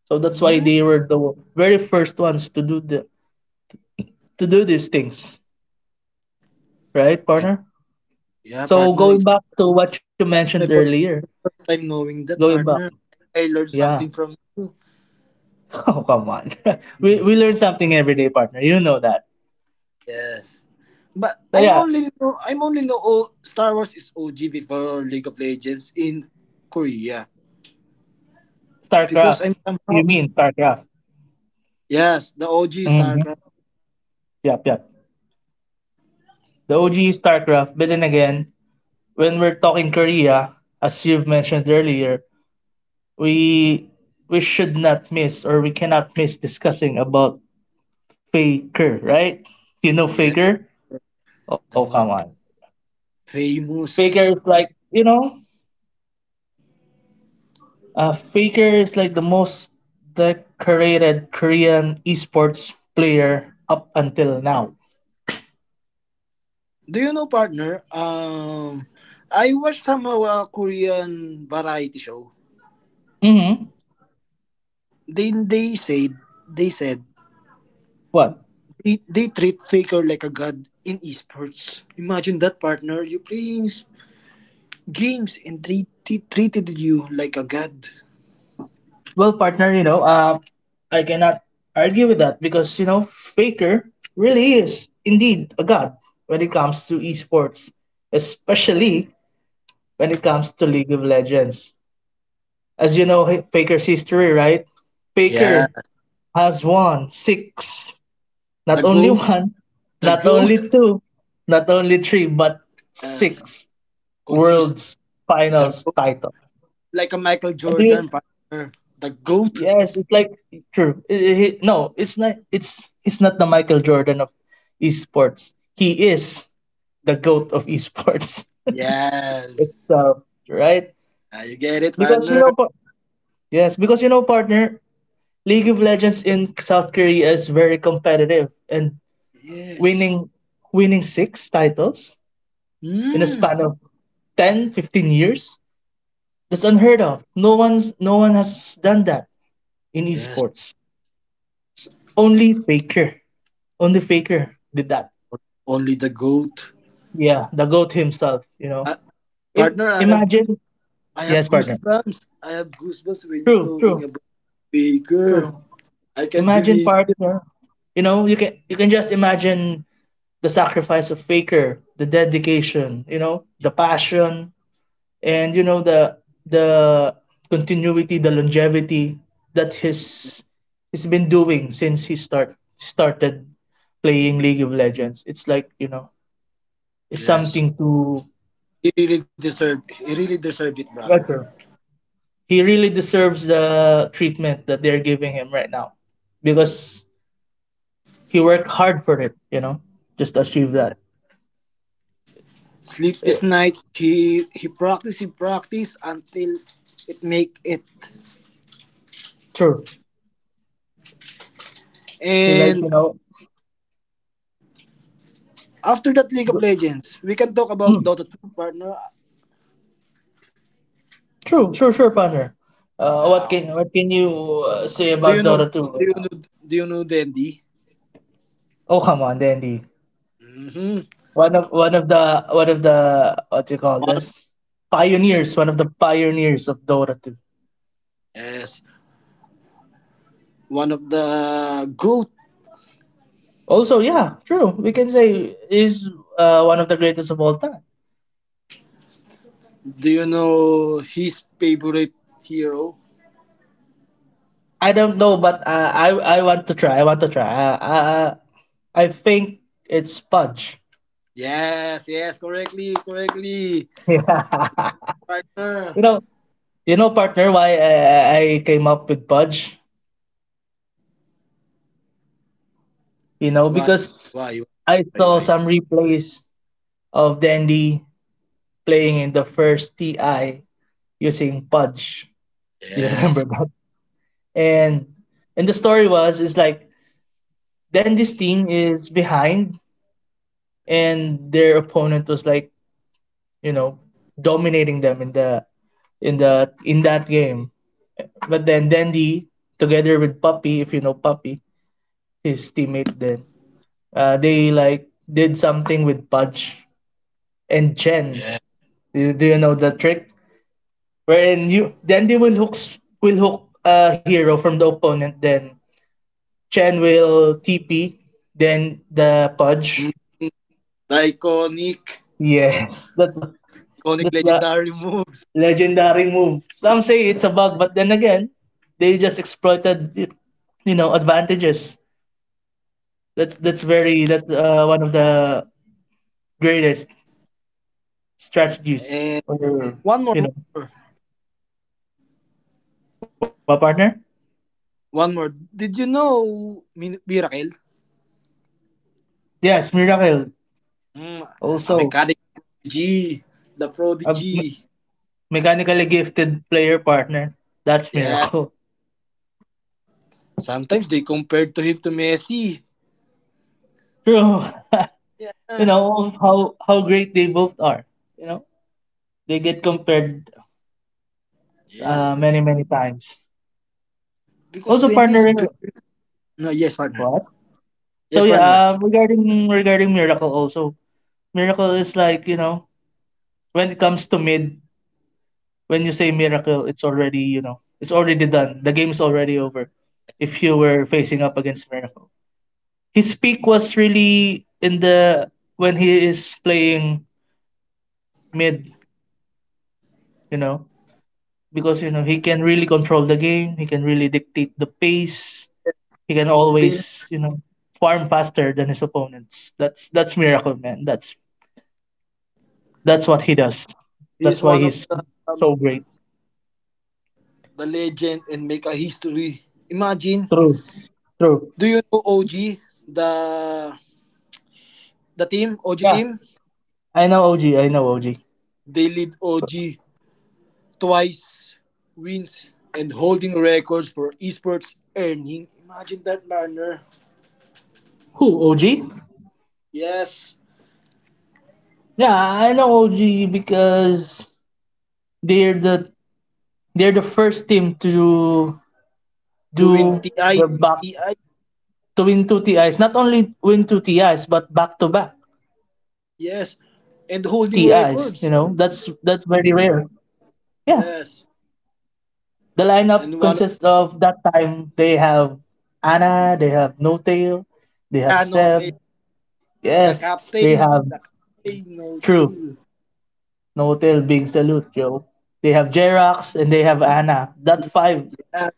B: So that's why
A: Hmm.
B: they were the very first ones to do the to do these things, right,
A: I,
B: partner?
A: yeah,
B: So
A: partner.
B: going
A: It's
B: back to what you mentioned
A: my
B: earlier,
A: first time knowing that,
B: going back,
A: partner. I learned
B: yeah.
A: something from you.
B: Oh, come on. We learn something every day, partner. You know that.
A: Yes. But
B: So yeah,
A: I'm only know all Star Wars is OG before League of Legends in Korea because
B: StarCraft.
A: I'm
B: You
A: somehow
B: mean StarCraft?
A: yes the OG StarCraft
B: Mm-hmm. Yep, yep. The OG StarCraft. But then again, when we're talking Korea, as you've mentioned earlier, we we should not miss or we cannot miss discussing about Faker, right? You know
A: yes
B: Faker? Oh,
A: the
B: come
A: more
B: on. Faker is
A: famous.
B: like you know Faker is like the most decorated Korean esports player up until now.
A: Do you know, partner? I watched somehow a Korean variety show.
B: Mm-hmm.
A: They they said they said
B: What?
A: they treat Faker like a god in esports. Imagine that, partner. You playing games and treated you like a god.
B: Well, partner, I cannot argue with that because, Faker really is indeed a god when it comes to esports, especially when it comes to League of Legends. As you know, Faker's history, right?
A: Yeah,
B: Faker has won six. Not
A: the
B: only
A: goat,
B: one,
A: the
B: not
A: goat.
B: only two, not only three, but
A: Yes,
B: six
A: consist
B: world's
A: the
B: finals
A: goat
B: title.
A: like a Michael
B: And do you,
A: Jordan, partner. The goat.
B: yes, it's like true. No, it's not. It's He's not the Michael Jordan of esports. He is the goat of esports
A: Yes.
B: itself, right?
A: Ah, you get it,
B: Because you
A: partner.
B: know, par- yes, because partner, League of Legends in South Korea is very competitive, and
A: Yes.
B: winning winning six titles in a
A: Hmm.
B: span of 10, 15 years. That's unheard of. No one has done that in
A: Yes.
B: esports. Only Faker. Only Faker did that.
A: Only the goat.
B: Yeah, the goat himself.
A: Uh, partner,
B: Imagine.
A: I have
B: Yes, partner.
A: goosebumps. I have goosebumps when you're
B: True,
A: talking
B: true,
A: about Baker.
B: true.
A: I can
B: Imagine,
A: believe.
B: partner. You know, you can just imagine the sacrifice of Faker, the dedication, the passion, and the the continuity, the longevity that he's been doing since he started playing League of Legends. It's like, it's
A: Yes.
B: something to
A: He really deserved. He really deserved it, brother.
B: measure. He really deserves the treatment that they're giving him right now because he worked hard for it, just to achieve that.
A: Sleepless
B: It,
A: nights. He practiced. He practiced until it make it.
B: true. He like,
A: And after that League of
B: th-
A: Legends, we can talk about
B: mm,
A: Dota 2, partner.
B: true, true, sure, partner.
A: Ah,
B: What can you say
A: do you
B: about
A: know
B: dota 2
A: do
B: right
A: you know
B: now?
A: do you know Dendy?
B: Oh, come on, Dandy.
A: Mm-hmm.
B: One of the one of the, what do you call
A: One of,
B: this, pioneers. One of the pioneers of Dota 2.
A: yes. One of the GOAT.
B: Also, yeah, true. We can say is one of the greatest of all time.
A: Do you know his favorite hero?
B: I don't know, but I want to try. I want to try. I think it's Pudge.
A: Yes, yes, correctly, correctly.
B: Yeah. You
A: Partner.
B: know, you know, partner, why I came up with Pudge? You know,
A: Why?
B: because
A: Why?
B: I
A: Why?
B: saw
A: Why?
B: some replays of Dandy playing in the first TI using Pudge. Do you remember
A: Yes.
B: that? And and the story was is like, then this team is behind and their opponent was like, you know, dominating them in the in the in that game. But then Dandy, together with Puppy, if you know Puppy, his teammate then, they like did something with Pudge and
A: Yes.
B: Chen. Do you know the trick? Wherein you Dandy will hook a hero from the opponent, then Chen will TP, then the
A: Mm.
B: Pudge.
A: The iconic,
B: Yes, that's the,
A: iconic
B: that's the
A: legendary moves.
B: legendary move. Some say it's a bug, but then again, they just exploited it, advantages. That's one of the greatest strategies.
A: And
B: Or,
A: one more.
B: you know what, partner?
A: One more. Did you know Miracle?
B: Yes, Miracle.
A: Mm, a
B: Also,
A: mechanic G, the
B: a
A: prodigy.
B: mechanically gifted player, partner. That's
A: Yeah.
B: Miracle.
A: Sometimes they compared to him to Messi.
B: True. You
A: Yeah.
B: know how great they both are. You know, they get compared
A: Yes.
B: many, many times.
A: Because
B: Also,
A: then this
B: partnering
A: no yes, partner.
B: what? So
A: Yes,
B: yeah,
A: partner.
B: regarding Miracle also, Miracle is like, when it comes to mid, when you say Miracle, it's already, it's already done. The game's already over. If you were facing up against Miracle, his peak was really in the, when he is playing mid, you know, because he can really control the game. He can really dictate the pace. He can
A: They
B: always, farm faster than his opponents. That's miracle, man. That's what he does. That's
A: he's
B: why
A: one of
B: he's
A: the um,
B: so great.
A: the legend and make a history. Imagine.
B: True. True.
A: Do you know OG the the team OG
B: Yeah.
A: team?
B: I know OG. I know OG.
A: They lead OG twice wins and holding records for esports earning. Imagine that, banner.
B: Who? OG?
A: Yes.
B: Yeah, I know OG because they're the they're the first team to
A: To win
B: do
A: TI
B: the back
A: TI.
B: to win two TIs. Not only win two TIs, but back to back
A: Yes.
B: TIs. You
A: And
B: know,
A: holding
B: that's
A: records.
B: very rare. Yeah,
A: Yes.
B: the lineup consists
A: And one,
B: of, that time they have Anna, they have No Tail, they have
A: yeah, no
B: Seb,
A: tail. The
B: yes, they
A: captain.
B: have,
A: The captain, no
B: true.
A: tail.
B: No Tail, big salute, Joe. They have Jerax and they have Anna. That five,
A: Yeah.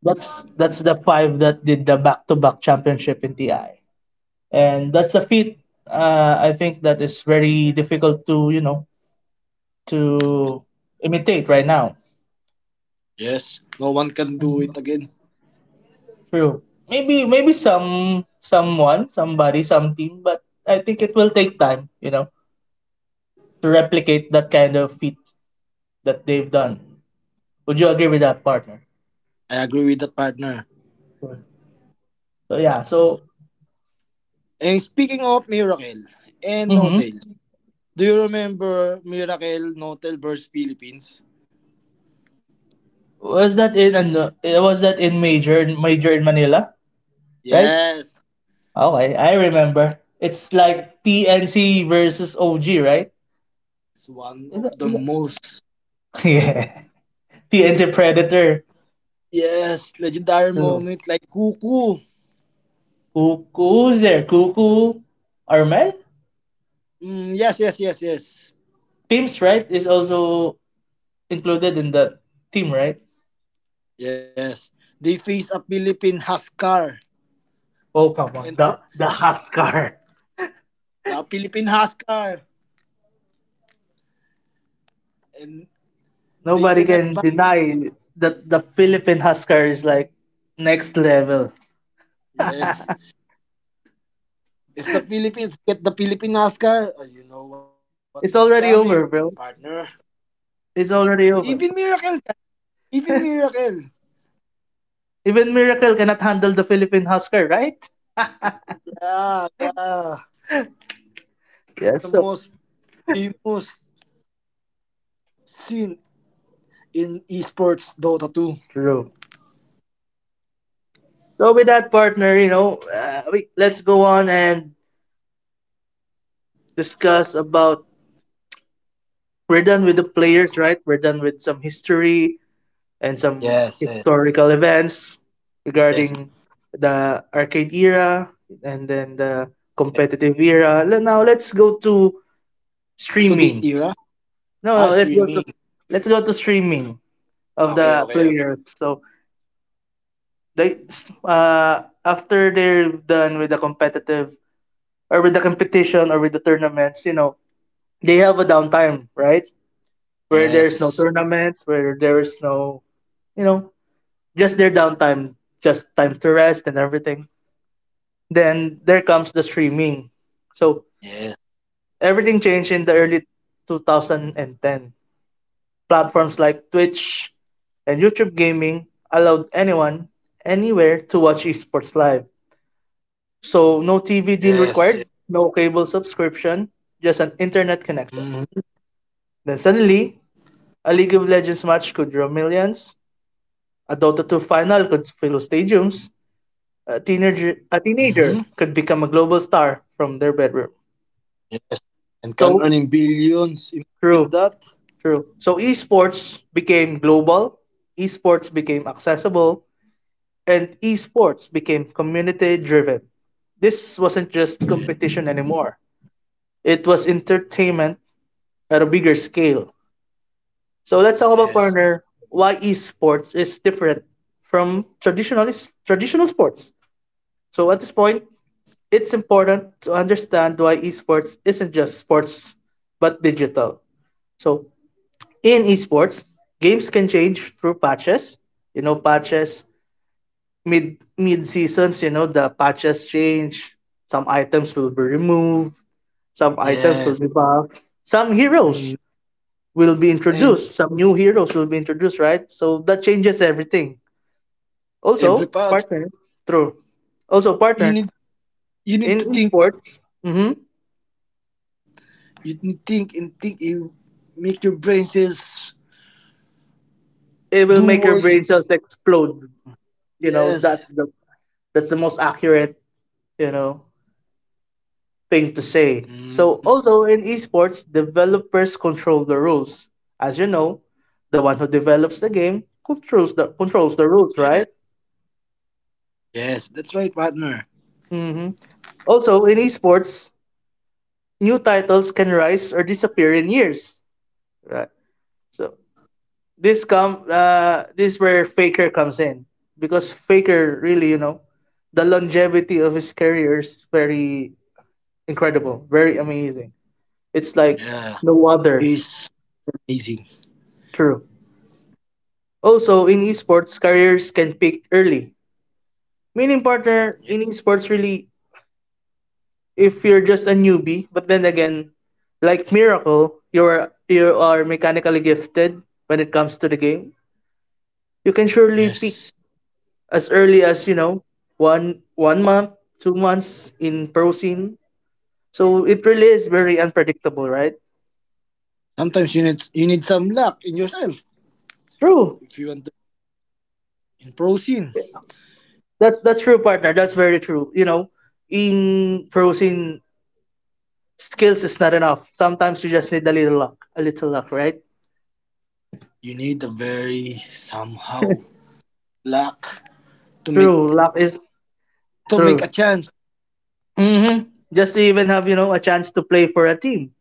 B: that's the five that did the back-to-back championship in TI, and that's a feat. I think that is very difficult to, to imitate right now.
A: Yes. No one can do it again.
B: True. Maybe maybe someone, somebody, some team, but I think it will take time, to replicate that kind of feat that they've done. Would you agree with that, partner?
A: I agree with that, partner.
B: Sure. So yeah,
A: And speaking of Miracle and No
B: hmm
A: Tail, do you remember Miracle No Tail versus Philippines?
B: was that in an, uh, was that in major in Manila, right?
A: Yes.
B: Okay, I remember. It's
A: Hmm.
B: like TNC versus OG, right?
A: It's one of
B: Is
A: the
B: that, is that?
A: most
B: Yeah, TNC Predator.
A: yes legendary
B: True.
A: moment, like Cuckoo.
B: Cuckoo's there. Cuckoo, Armel.
A: Mm, yes, yes, yes, yes,
B: Teams, right, is also included in the team, right?
A: yes. They face a Philippine Husker and
B: Oh,
A: for
B: come on. The Husker.
A: the Philippine Husker and they did
B: Nobody
A: not
B: can
A: back.
B: deny that the Philippine Husker is like next level.
A: Yes, if the Philippines get the Philippine Husker, you know what's
B: It's
A: coming,
B: already over,
A: partner.
B: bro. It's already
A: Even
B: over.
A: Miracle, even Miracle.
B: Even Miracle cannot handle the Philippine Husker, right?
A: Yeah, yeah.
B: Yes,
A: The
B: so
A: most famous scene in esports Dota 2.
B: true. So with that, partner, let's go on and discuss about. We're done with the players, right? We're done with some history and some
A: Yes, yes,
B: historical events regarding
A: yes.
B: the arcade era and then the competitive era. Now let's go to
A: To
B: streaming.
A: this era,
B: No, no, let's
A: ah,
B: go to,
A: streaming.
B: streaming of the
A: Okay, okay,
B: players.
A: okay.
B: So they after they're done with the competitive, or with the competition, or with the tournaments, they have a downtime, right? Where there's no
A: Yes,
B: tournament, where there's no, you know, just their downtime, just time to rest and everything. Then there comes the streaming. So
A: yes,
B: everything changed in the early 2010. Platforms like Twitch and YouTube Gaming allowed anyone, anywhere to watch esports live. So no TV
A: yes, yes.
B: deal required, no cable subscription, just an internet
A: Mm-hmm.
B: connection. Then suddenly, a League of Legends match could draw millions, a Dota 2 final could fill stadiums, a teenager,
A: Mm-hmm.
B: a teenager could become a global star from their bedroom.
A: Yes, and can earn in
B: So
A: billions, imagine that.
B: true. True. So esports became global, esports became accessible, and esports became community driven. This wasn't
A: Yes,
B: just competition anymore, it was entertainment at a bigger scale. So let's talk about,
A: yes,
B: partner, why esports is different from traditional sports. So at this point, it's important to understand why esports isn't just sports but digital. So in esports, games can change through patches. You know, patches mid seasons. You know, the patches change. Some items will be removed. Some items will
A: yes.
B: be buffed. Some heroes
A: Mm.
B: will be
A: And
B: introduced. Some new heroes will be introduced. Right, so that changes everything.
A: every
B: Also,
A: part
B: partner. True. Also,
A: you
B: partner,
A: need you
B: in
A: need to think
B: esports. hmm
A: you need think and think you make your brain cells
B: it will
A: do
B: make your
A: work.
B: brain cells explode. You know, that's
A: Yes.
B: the, most accurate, you know,
A: Mm.
B: thing to say. So, although in esports, developers control the rules. As you know, the one who develops the game controls the,
A: Yes,
B: rules, right?
A: yes, that's right, partner.
B: hmm Also, in esports, new titles can rise or disappear in years, right? So this is where Faker comes in, because Faker really, the longevity of his career is very incredible, very amazing. It's like
A: Yeah,
B: no other.
A: it's amazing.
B: True. Also, in esports, careers can peak early. Meaning, partner, in esports, really, if you're just a newbie, but then again, like Miracle, you are, mechanically gifted when it comes to the game. You can surely peak
A: Yes.
B: as early as, one one month, 2 months in pro scene. So it really is very unpredictable, right?
A: Sometimes you need some luck in yourself.
B: True.
A: If you want to in pro scene,
B: That's true, partner. That's very true. You know, in pro scene, skills is not enough. Sometimes you just need a little luck, right?
A: you need a very somehow luck to make
B: True, luck is
A: to make a
B: true.
A: chance.
B: Just to even have, a chance to play for a team.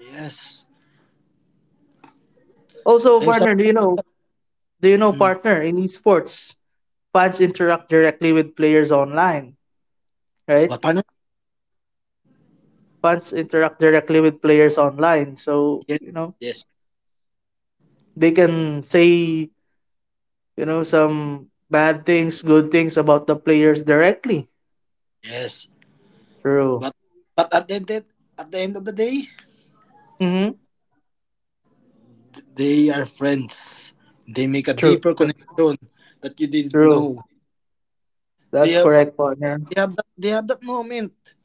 A: Yes,
B: Also,
A: I'm some.
B: partner, do you know? Do you know,
A: Mm,
B: partner, in esports, fans interact directly with players online, right?
A: but partner,
B: Fans interact directly with players online, so,
A: yes, yes,
B: they can say, some bad things, good things about the players directly.
A: yes.
B: True.
A: But at the end of the day,
B: Hmm.
A: they are friends. They make a
B: True.
A: deeper
B: True.
A: connection that you didn't
B: True.
A: know. They
B: That's
A: have
B: correct, partner.
A: they have that moment.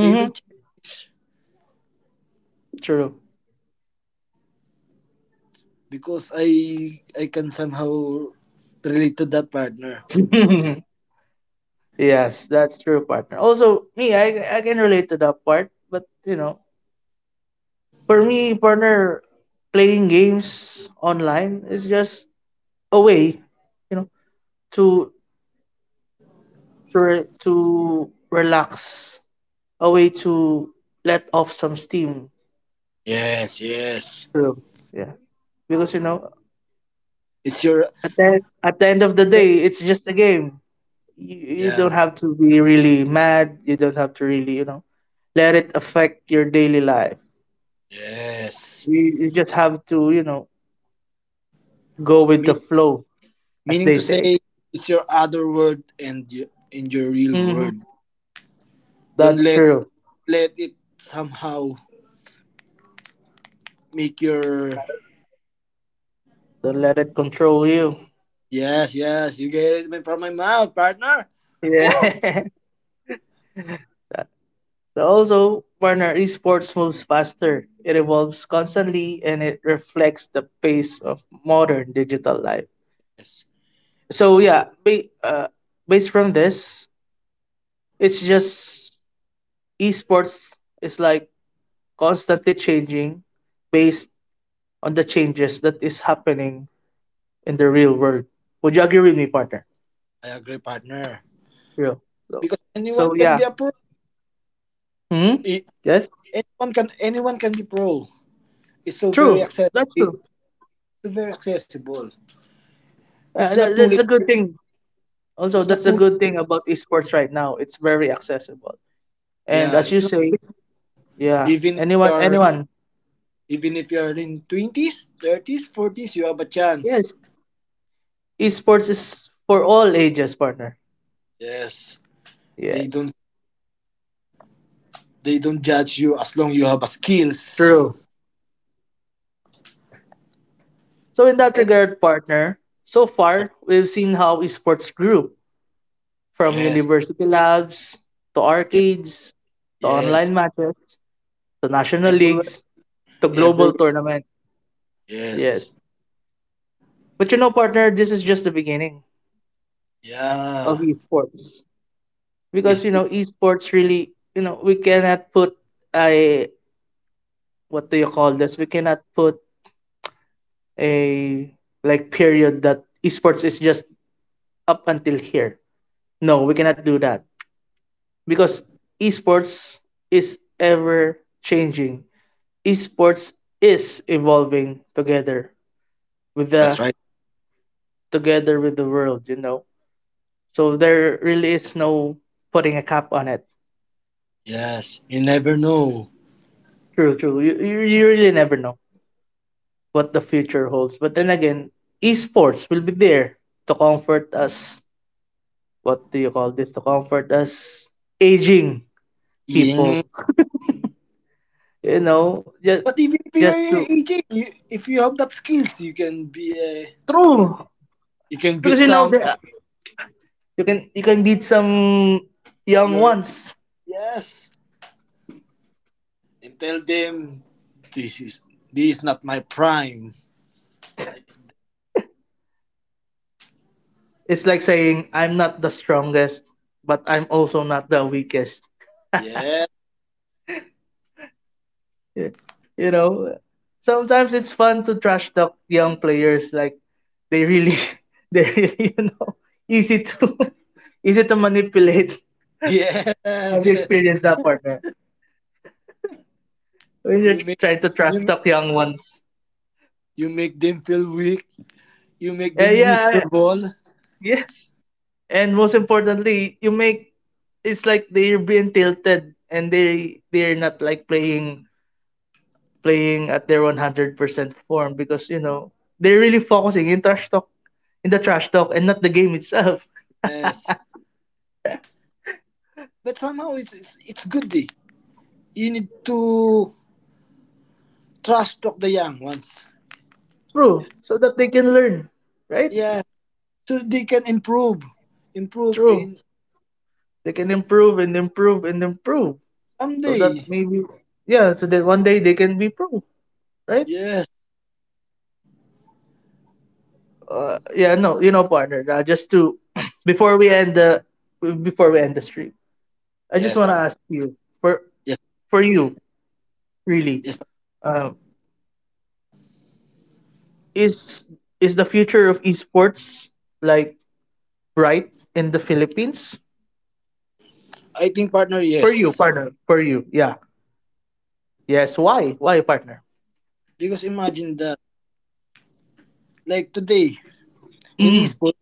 A: They will check
B: True.
A: because I can somehow relate to that, partner.
B: Yes, that's true, partner. Also, me, I can relate to that part. But, for me, partner, playing games online is just a way, you know, to, to relax, a way to let off some steam.
A: Yes, yes.
B: True. Yeah. Because,
A: It's your,
B: at the, end of the day, it's just a game. you, you
A: yeah.
B: don't have to be really mad. You don't have to really, let it affect your daily life.
A: Yes.
B: You just have to, go with the
A: Mean,
B: flow, as
A: meaning
B: they
A: to
B: say.
A: say, it's your other word and your real
B: Hmm.
A: word. Don't
B: That's
A: let
B: true.
A: it somehow make your.
B: Don't let it control you.
A: Yes, yes. You get it from my mouth, partner. Woo!
B: Yeah. So also, partner, esports moves faster. It evolves constantly and it reflects the pace of modern digital life.
A: Yes.
B: So yeah, based from this, it's just, esports is like constantly changing based on the changes that is happening in the real world. Would you agree with me, partner?
A: I agree, partner.
B: Real. So,
A: Because anyone
B: so
A: can
B: yeah.
A: be a pro.
B: Hmm.
A: I-
B: Yes.
A: Anyone can be pro. It's so very
B: True.
A: access
B: That's
A: it's
B: true.
A: so very accessible. It's
B: Uh,
A: not
B: that,
A: too
B: that's a
A: late.
B: good thing. Also,
A: It's not
B: that's a
A: too
B: good
A: late.
B: thing about esports right now. It's very accessible. And
A: Yeah,
B: as
A: it's
B: you
A: not
B: say, yeah,
A: even if you
B: anyone,
A: are
B: anyone.
A: even if you are in twenties, thirties, forties, you have a
B: Yes.
A: chance.
B: Esports is for all ages, partner.
A: Yes, they
B: Yes.
A: don't they don't judge you as long you have a skills.
B: True. So in that
A: And
B: regard, partner, so far we've seen how esports grew, from
A: yes,
B: university labs to
A: yes,
B: arcades to
A: yes,
B: online matches to national
A: everywhere,
B: leagues to global
A: everywhere.
B: tournaments. Yes.
A: Yes,
B: But, partner, this is just the beginning of
A: yeah,
B: esports.
A: it,
B: Because,
A: it,
B: esports really, we cannot put a, what do you call this? We cannot put a, like, period that esports is just up until here. No, we cannot do that. Because esports is ever changing esports is evolving together with
A: that's
B: the,
A: right.
B: world, So there really is no putting a cap on it.
A: Yes, you never know.
B: True, true. You really never know what the future holds. But then again, esports will be there to comfort us. What do you call this? To comfort us aging
A: Yeah.
B: people. You know, just,
A: But even if you are
B: to,
A: aging, you, if you have that skills, you can be a,
B: true,
A: you can beat
B: because,
A: some
B: there, you can, beat some young
A: your,
B: ones.
A: yes, and tell them this is this is not my prime.
B: It's like saying I'm not the strongest, but I'm also not the weakest.
A: Yeah.
B: Y- You know, sometimes it's fun to trash talk young players. Like, they really,
A: Yeah.
B: they really, easy to, easy to manipulate.
A: Yes,
B: Have you
A: yes.
B: experienced that, partner? When you're
A: You make
B: trying to trash
A: you,
B: talk young ones.
A: you make them feel weak. You make them
B: Yeah,
A: miserable.
B: yeah. And most importantly, you make it's like they're being tilted and they're not like playing, at their 100% form because, they're really focusing in the trash talk, and not the game itself
A: Yes. But somehow it's good day. You need to trust talk the young ones.
B: true, so that they can learn, right?
A: Yeah. So they can improve. Improve
B: True.
A: in
B: They can improve and improve and improve, so that
A: someday.
B: maybe yeah so that one day they can be pro, right?
A: Yes.
B: Yeah, no, partner, just to
A: Par-
B: before we end the, stream, I just
A: Yes,
B: want to
A: partner.
B: ask you for,
A: Yes,
B: you really,
A: yes.
B: um is, the future of esports like right in the Philippines?
A: I think, partner,
B: For you,
A: yes.
B: partner. For you. Yeah. Yes. Why? Why, partner?
A: Because imagine that, like today in
B: Mm.
A: esports,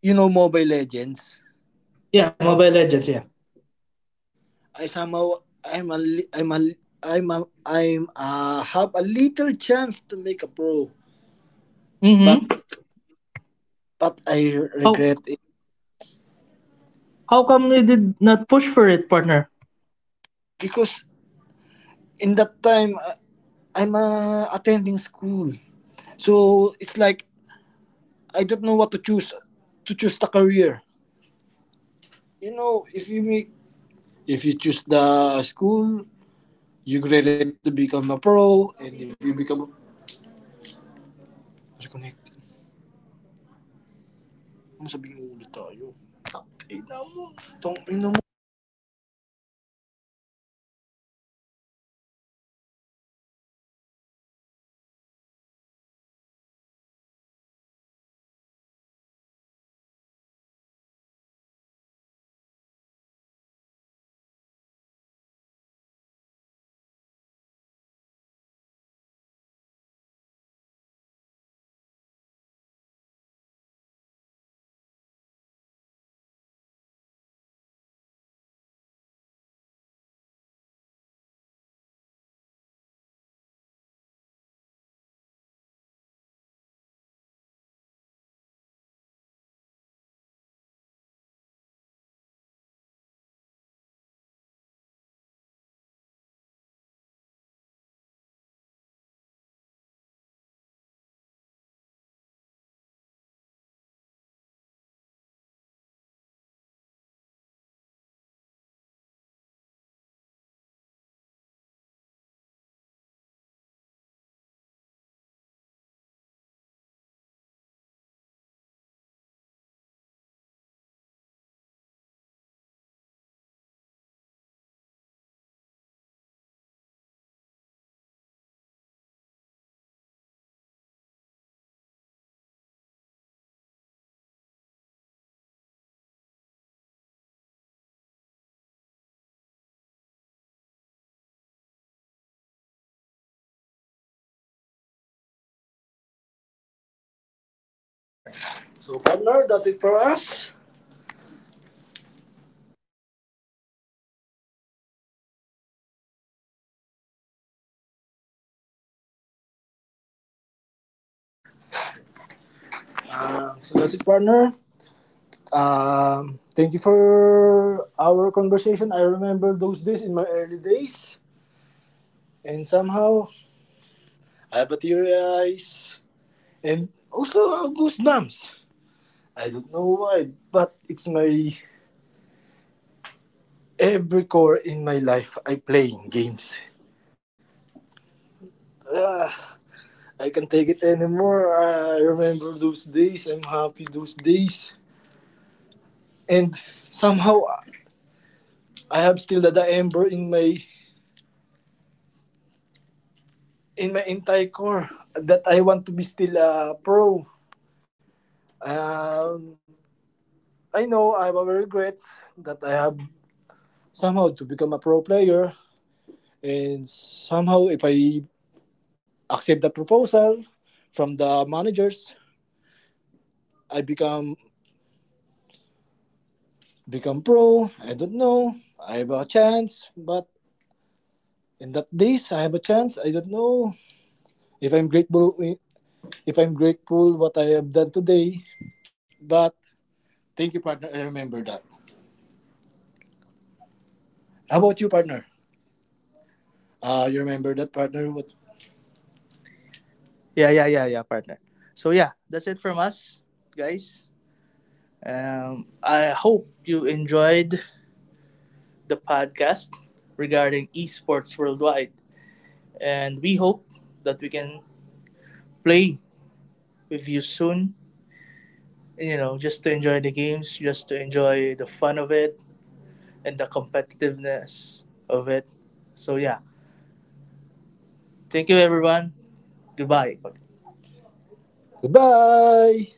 A: you know, Mobile Legends.
B: Yeah, Mobile Legends, yeah.
A: I somehow I'm a li- I'm a li- I'm a, I'm have a little chance to make a pro, but
B: Mm-hmm.
A: I
B: How
A: regret it
B: how come you did not push for it, partner?
A: because in that time I'm attending school, so it's like I don't know what to choose the career. You know, if you make if you choose the school, you graduate to become a pro, and if you reconnected, ano sabihin ulit tayo? Ina mo. Tong ina mo. So, partner, that's it for us. So that's it, partner. Thank you for our conversation. I remember those days in my early days, and somehow I have a teary eyes and also goosebumps. I don't know why, but it's my every core in my life. I playing games. Ah, I can't take it anymore. I remember those days. I'm happy those days, and somehow I have still the ember in my entire core that I want to be still a pro. Um, I know I have a regret that I have somehow to become a pro player, and somehow if I accept the proposal from the managers, I become pro. I don't know. I have a chance, but in that days I have a chance. I don't know if I'm grateful. If I'm grateful what I have done today, but thank you, partner. I remember that. How about you, partner? You remember that, partner? What? Yeah, yeah, yeah, yeah, partner. So yeah, that's it from us, guys. I hope you enjoyed the podcast regarding esports worldwide, and we hope that we can play with you soon. You know, just to enjoy the games, just to enjoy the fun of it and the competitiveness of it. So yeah, thank you, everyone. Goodbye. Goodbye.